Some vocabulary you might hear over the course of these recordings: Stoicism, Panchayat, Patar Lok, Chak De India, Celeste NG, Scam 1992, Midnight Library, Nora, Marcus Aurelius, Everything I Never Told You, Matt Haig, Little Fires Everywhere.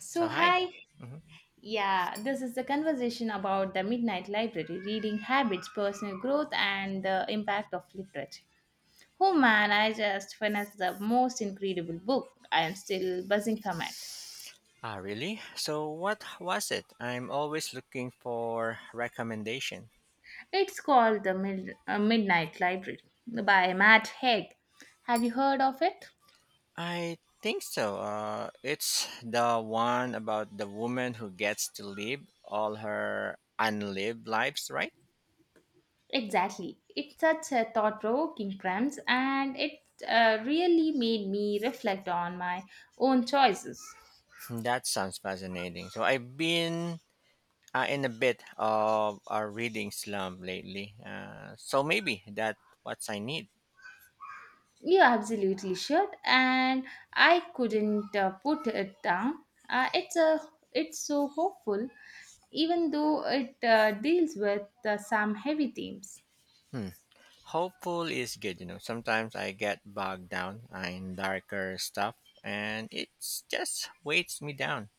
So, So hi. hi. Mhm. Yeah, this is the conversation about the Midnight Library, reading habits, personal growth, and the impact of literature. Oh man, I just finished the most incredible book. I am still buzzing from it. Ah, really? So what was it? I'm always looking for recommendation. It's called The Midnight Library by Matt Haig. Have you heard of it? I think so. It's the one about the woman who gets to live all her unlived lives, right? Exactly. It's such a thought provoking premise, and it really made me reflect on my own choices. That sounds fascinating. So I've been in a bit of a reading slump lately. So maybe that what I need. You absolutely should, and I couldn't put it down. Uh, it's a it's so hopeful, even though it deals with some heavy themes. Hmm. Hopeful is good, you know. Sometimes I get bogged down in darker stuff and it just weights me down.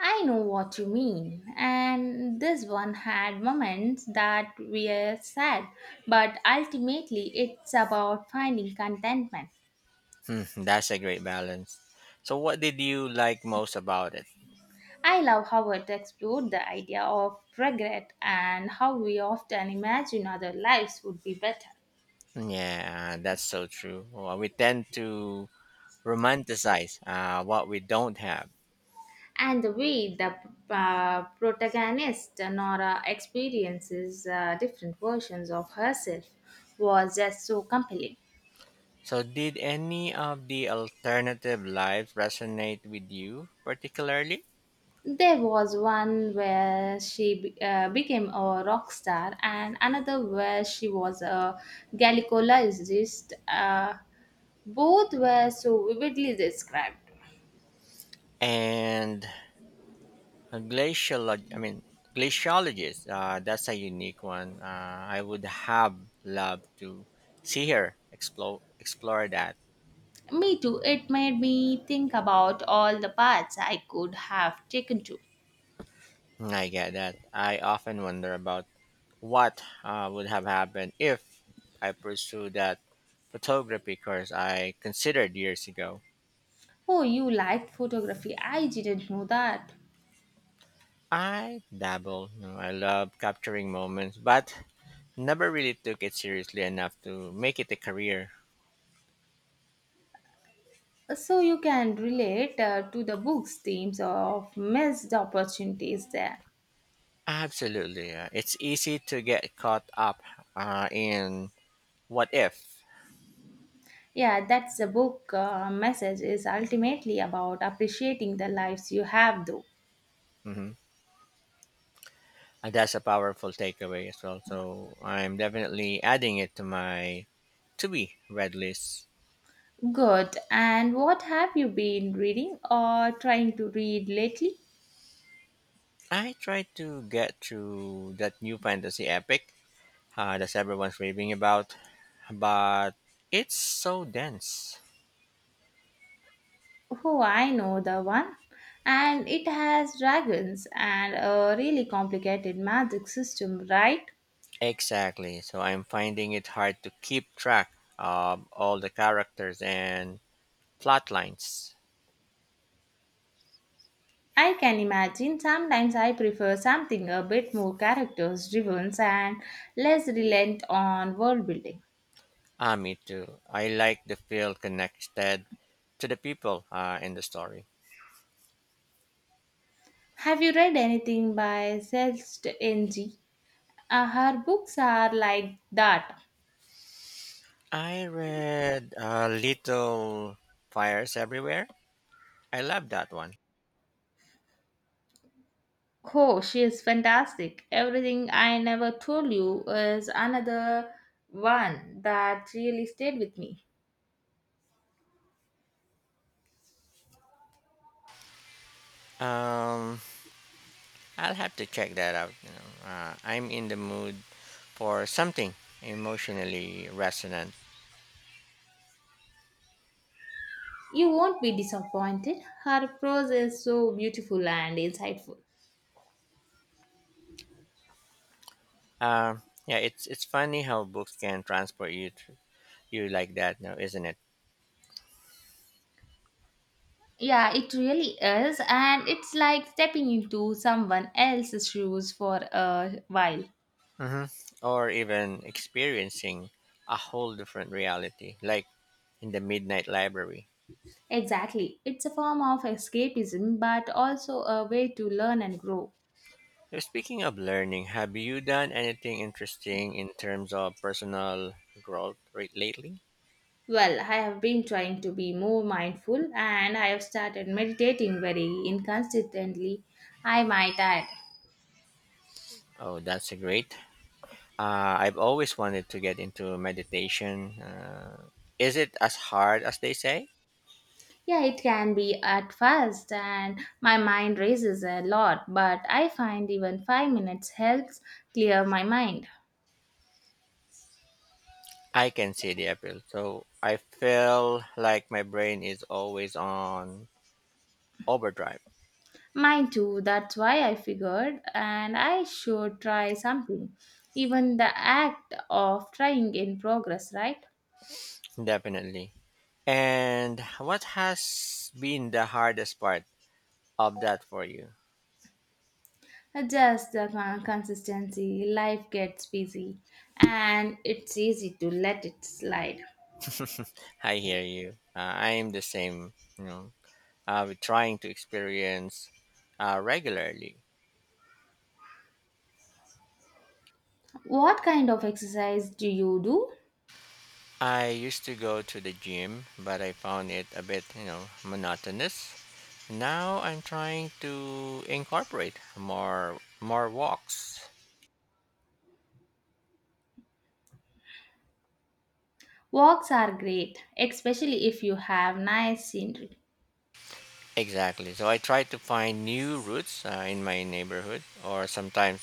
I know what you mean, and this one had moments that were sad, but ultimately it's about finding contentment. Hmm, that's a great balance. So, what did you like most about it? I love how it explored the idea of regret and how we often imagine other lives would be better. Yeah, that's so true. Well, we tend to romanticize what we don't have. And the way the protagonist Nora experiences different versions of herself was just so compelling. So, did any of the alternative lives resonate with you particularly? There was one where she became a rock star, and another where she was a gynecologist. Both were so vividly described. And a glacialog glaciologist. That's a unique one. I would have loved to see her explore that. Me too, it made me think about all the paths I could have taken to. I get that. I often wonder about what would have happened if I pursued that photography course I considered years ago. Oh, you liked photography. I didn't know that. I dabble. You know, I love capturing moments, but never really took it seriously enough to make it a career. So you can relate to the book's themes of missed opportunities there. Absolutely, yeah. It's easy to get caught up in what if. Yeah, that's the book message is ultimately about appreciating the lives you have though. Hmm. And that's a powerful takeaway as well. So I'm definitely adding it to my to be read list. Good. And what have you been reading or trying to read lately? I tried to get through that new fantasy epic that everyone's raving about, but it's so dense. Oh, I know the one. And it has dragons and a really complicated magic system, right? Exactly. So I'm finding it hard to keep track of all the characters and plot lines. I can imagine sometimes I prefer something a bit more characters driven and less reliant on world building. Ah, me too. I like to feel connected to the people in the story. Have you read anything by Celeste NG? Her books are like that. I read Little Fires Everywhere. I love that one. Oh, she is fantastic. Everything I Never Told You is another one that really stayed with me. Um, I'll have to check that out. You know, I'm in the mood for something emotionally resonant. You won't be disappointed. Her prose is so beautiful and insightful. Uh, yeah, it's funny how books can transport you to, you like that now, isn't it? Yeah, it really is. And it's like stepping into someone else's shoes for a while. Mm-hmm. Or even experiencing a whole different reality, like in the Midnight Library. Exactly. It's a form of escapism, but also a way to learn and grow. So speaking of learning, have you done anything interesting in terms of personal growth lately? Well, I have been trying to be more mindful and I have started meditating very inconsistently. I might add. Oh, that's a great. I've always wanted to get into meditation. Is it as hard as they say? Yeah, it can be at first, and my mind races a lot, but I find even five minutes helps clear my mind. I can see the appeal. So I feel like my brain is always on overdrive. Mine too, that's why I figured, and I should try something. Even the act of trying in progress, right? Definitely. And what has been the hardest part of that for you? Just the consistency, life gets busy, and it's easy to let it slide. I hear you. I am the same. You know, with trying to experience regularly. What kind of exercise do you do? I used to go to the gym, but I found it a bit, you know, monotonous. Now I'm trying to incorporate more walks. Walks are great, especially if you have nice scenery. Exactly. So I try to find new routes in my neighborhood, or sometimes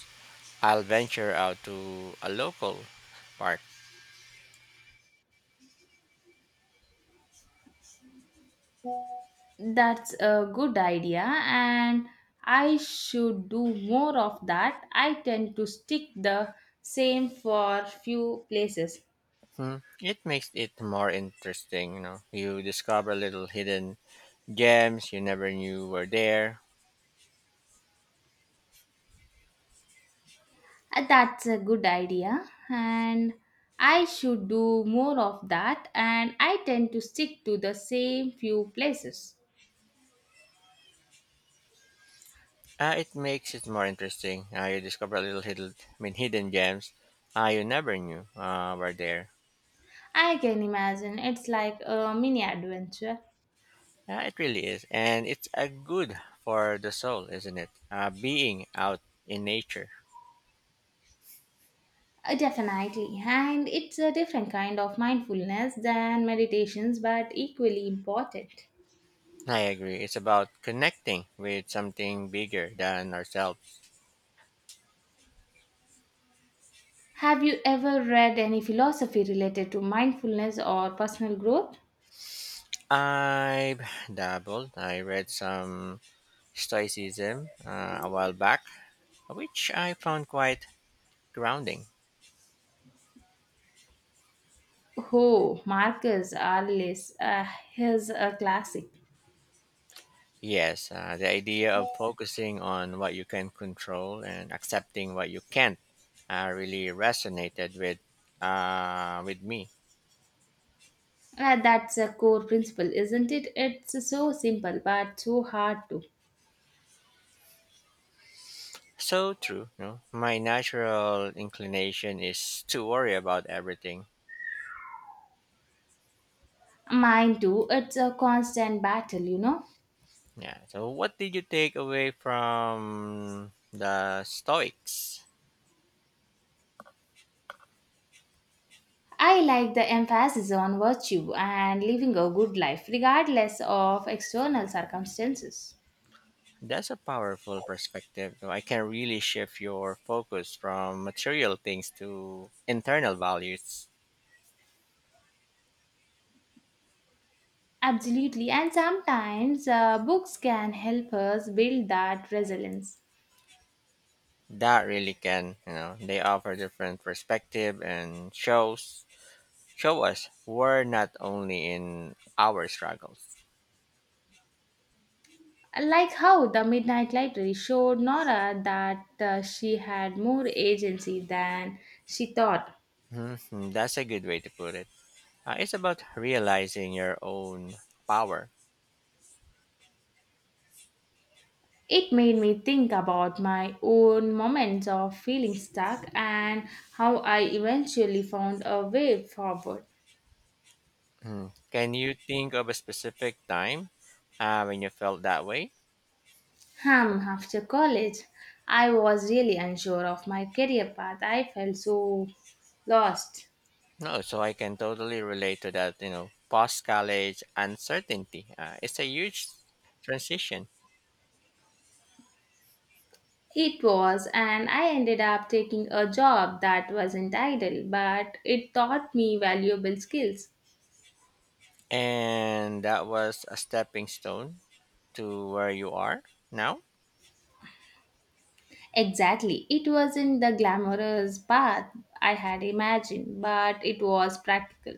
I'll venture out to a local park. That's a good idea, and I should do more of that. I tend to stick the same for few places. Hmm. It makes it more interesting, you know. You discover little hidden gems you never knew were there. That's a good idea, and I should do more of that, and I tend to stick to the same few places. It makes it more interesting. You discover little hidden, hidden gems you never knew were there. I can imagine it's like a mini adventure. It really is. And it's a good for the soul, isn't it? Being out in nature. Definitely, and it's a different kind of mindfulness than meditations, but equally important. I agree. It's about connecting with something bigger than ourselves. Have you ever read any philosophy related to mindfulness or personal growth? I've dabbled. I read some Stoicism a while back, which I found quite grounding. Oh, Marcus Aurelius, he's a classic. Yes, the idea of focusing on what you can control and accepting what you can't really resonated with with me. That's a core principle, isn't it? It's so simple but so hard to. So true. No, my natural inclination is to worry about everything. Mine too, it's a constant battle, you know. Yeah. So, what did you take away from the Stoics? I like the emphasis on virtue and living a good life, regardless of external circumstances. That's a powerful perspective. So I can really shift your focus from material things to internal values. Absolutely, and sometimes books can help us build that resilience. That really can, you know, they offer different perspective and show us we're not only in our struggles. Like how the Midnight Library showed Nora that she had more agency than she thought. Mhm, that's a good way to put it. It's about realizing your own power. It made me think about my own moments of feeling stuck and how I eventually found a way forward. Mhm. Can you think of a specific time when you felt that way? Hmm, after college, I was really unsure of my career path. I felt so lost. No, so I can totally relate to that. You know, post college uncertainty. It's a huge transition, It was, and I ended up taking a job that wasn't idle, but it taught me valuable skills. and that was a stepping stone to where you are now. Exactly. It wasn't the glamorous path I had imagined, but it was practical.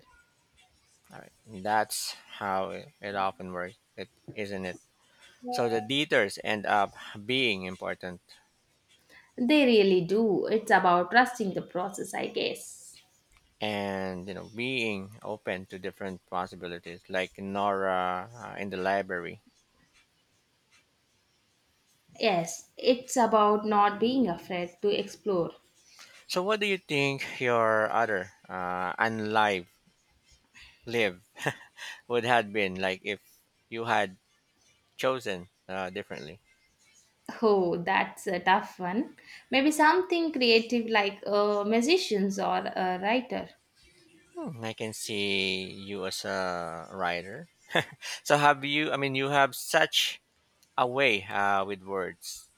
All right. That's how it often works, it, isn't it? So the leaders end up being important They really do. It's about trusting the process, I guess. and you know being open to different possibilities, like Nora in the library. Yes, it's about not being afraid to explore. So what do you think your other unlive live would have been like if you had chosen differently? Oh, that's a tough one. Maybe something creative like a musician or a writer. Hmm, I can see you as a writer. So have you? I mean, you have such away with words.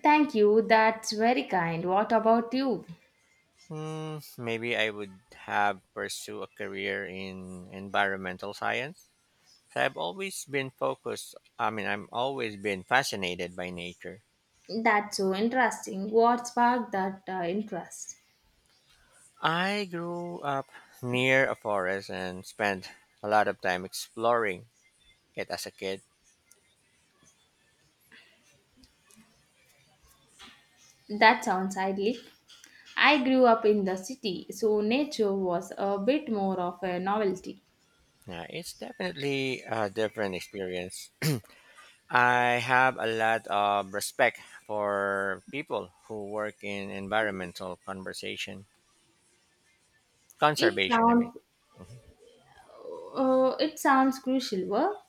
Thank you. That's very kind. What about you? Hmm, maybe I would have pursued a career in environmental science. So I've always been focused. I'm always been fascinated by nature. That's so interesting. What sparked that interest? I grew up near a forest and spent a lot of time exploring it as a kid. That sounds idyllic. I grew up in the city, so nature was a bit more of a novelty. Now, it's definitely a different experience. I have a lot of respect for people who work in environmental conversation. It Conservation, I mean. sounds Mhm. It sounds crucial work.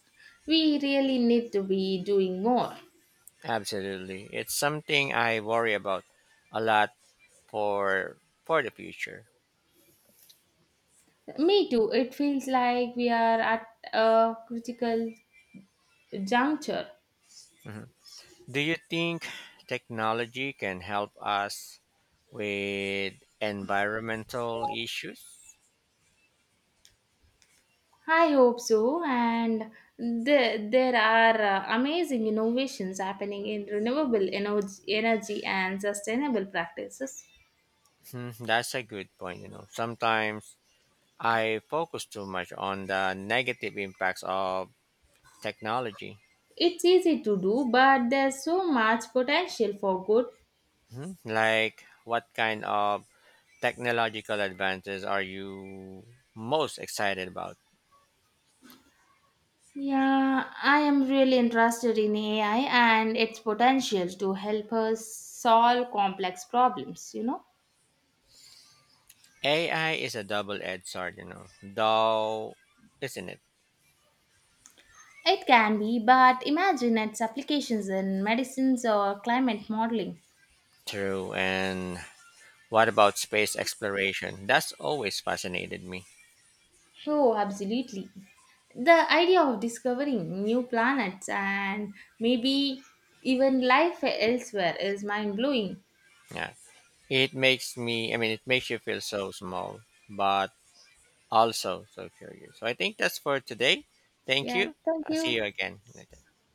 We really need to be doing more. Absolutely. It's something I worry about a lot for for the future. Me too. It feels like we are at a critical juncture. Mhm. Do you think technology can help us with environmental issues? I hope so. And there are amazing innovations happening in renewable energy, energy and sustainable practices. Hmm, that's a good point. You know, sometimes I focus too much on the negative impacts of technology. It's easy to do, but there's so much potential for good. Hmm, like, what kind of technological advances are you most excited about? Yeah, I am really interested in AI and its potential to help us solve complex problems, you know. AI is a double-edged sword, you know, though, isn't it? It can be, but imagine its applications in medicines or climate modeling. True. And what about space exploration? That's always fascinated me. Oh, absolutely. The idea of discovering new planets and maybe even life elsewhere is mind blowing. Yeah. It makes me, it makes you feel so small, but also so curious. So I think that's for today. Thank Yeah, you. thank I'll see you. you again later.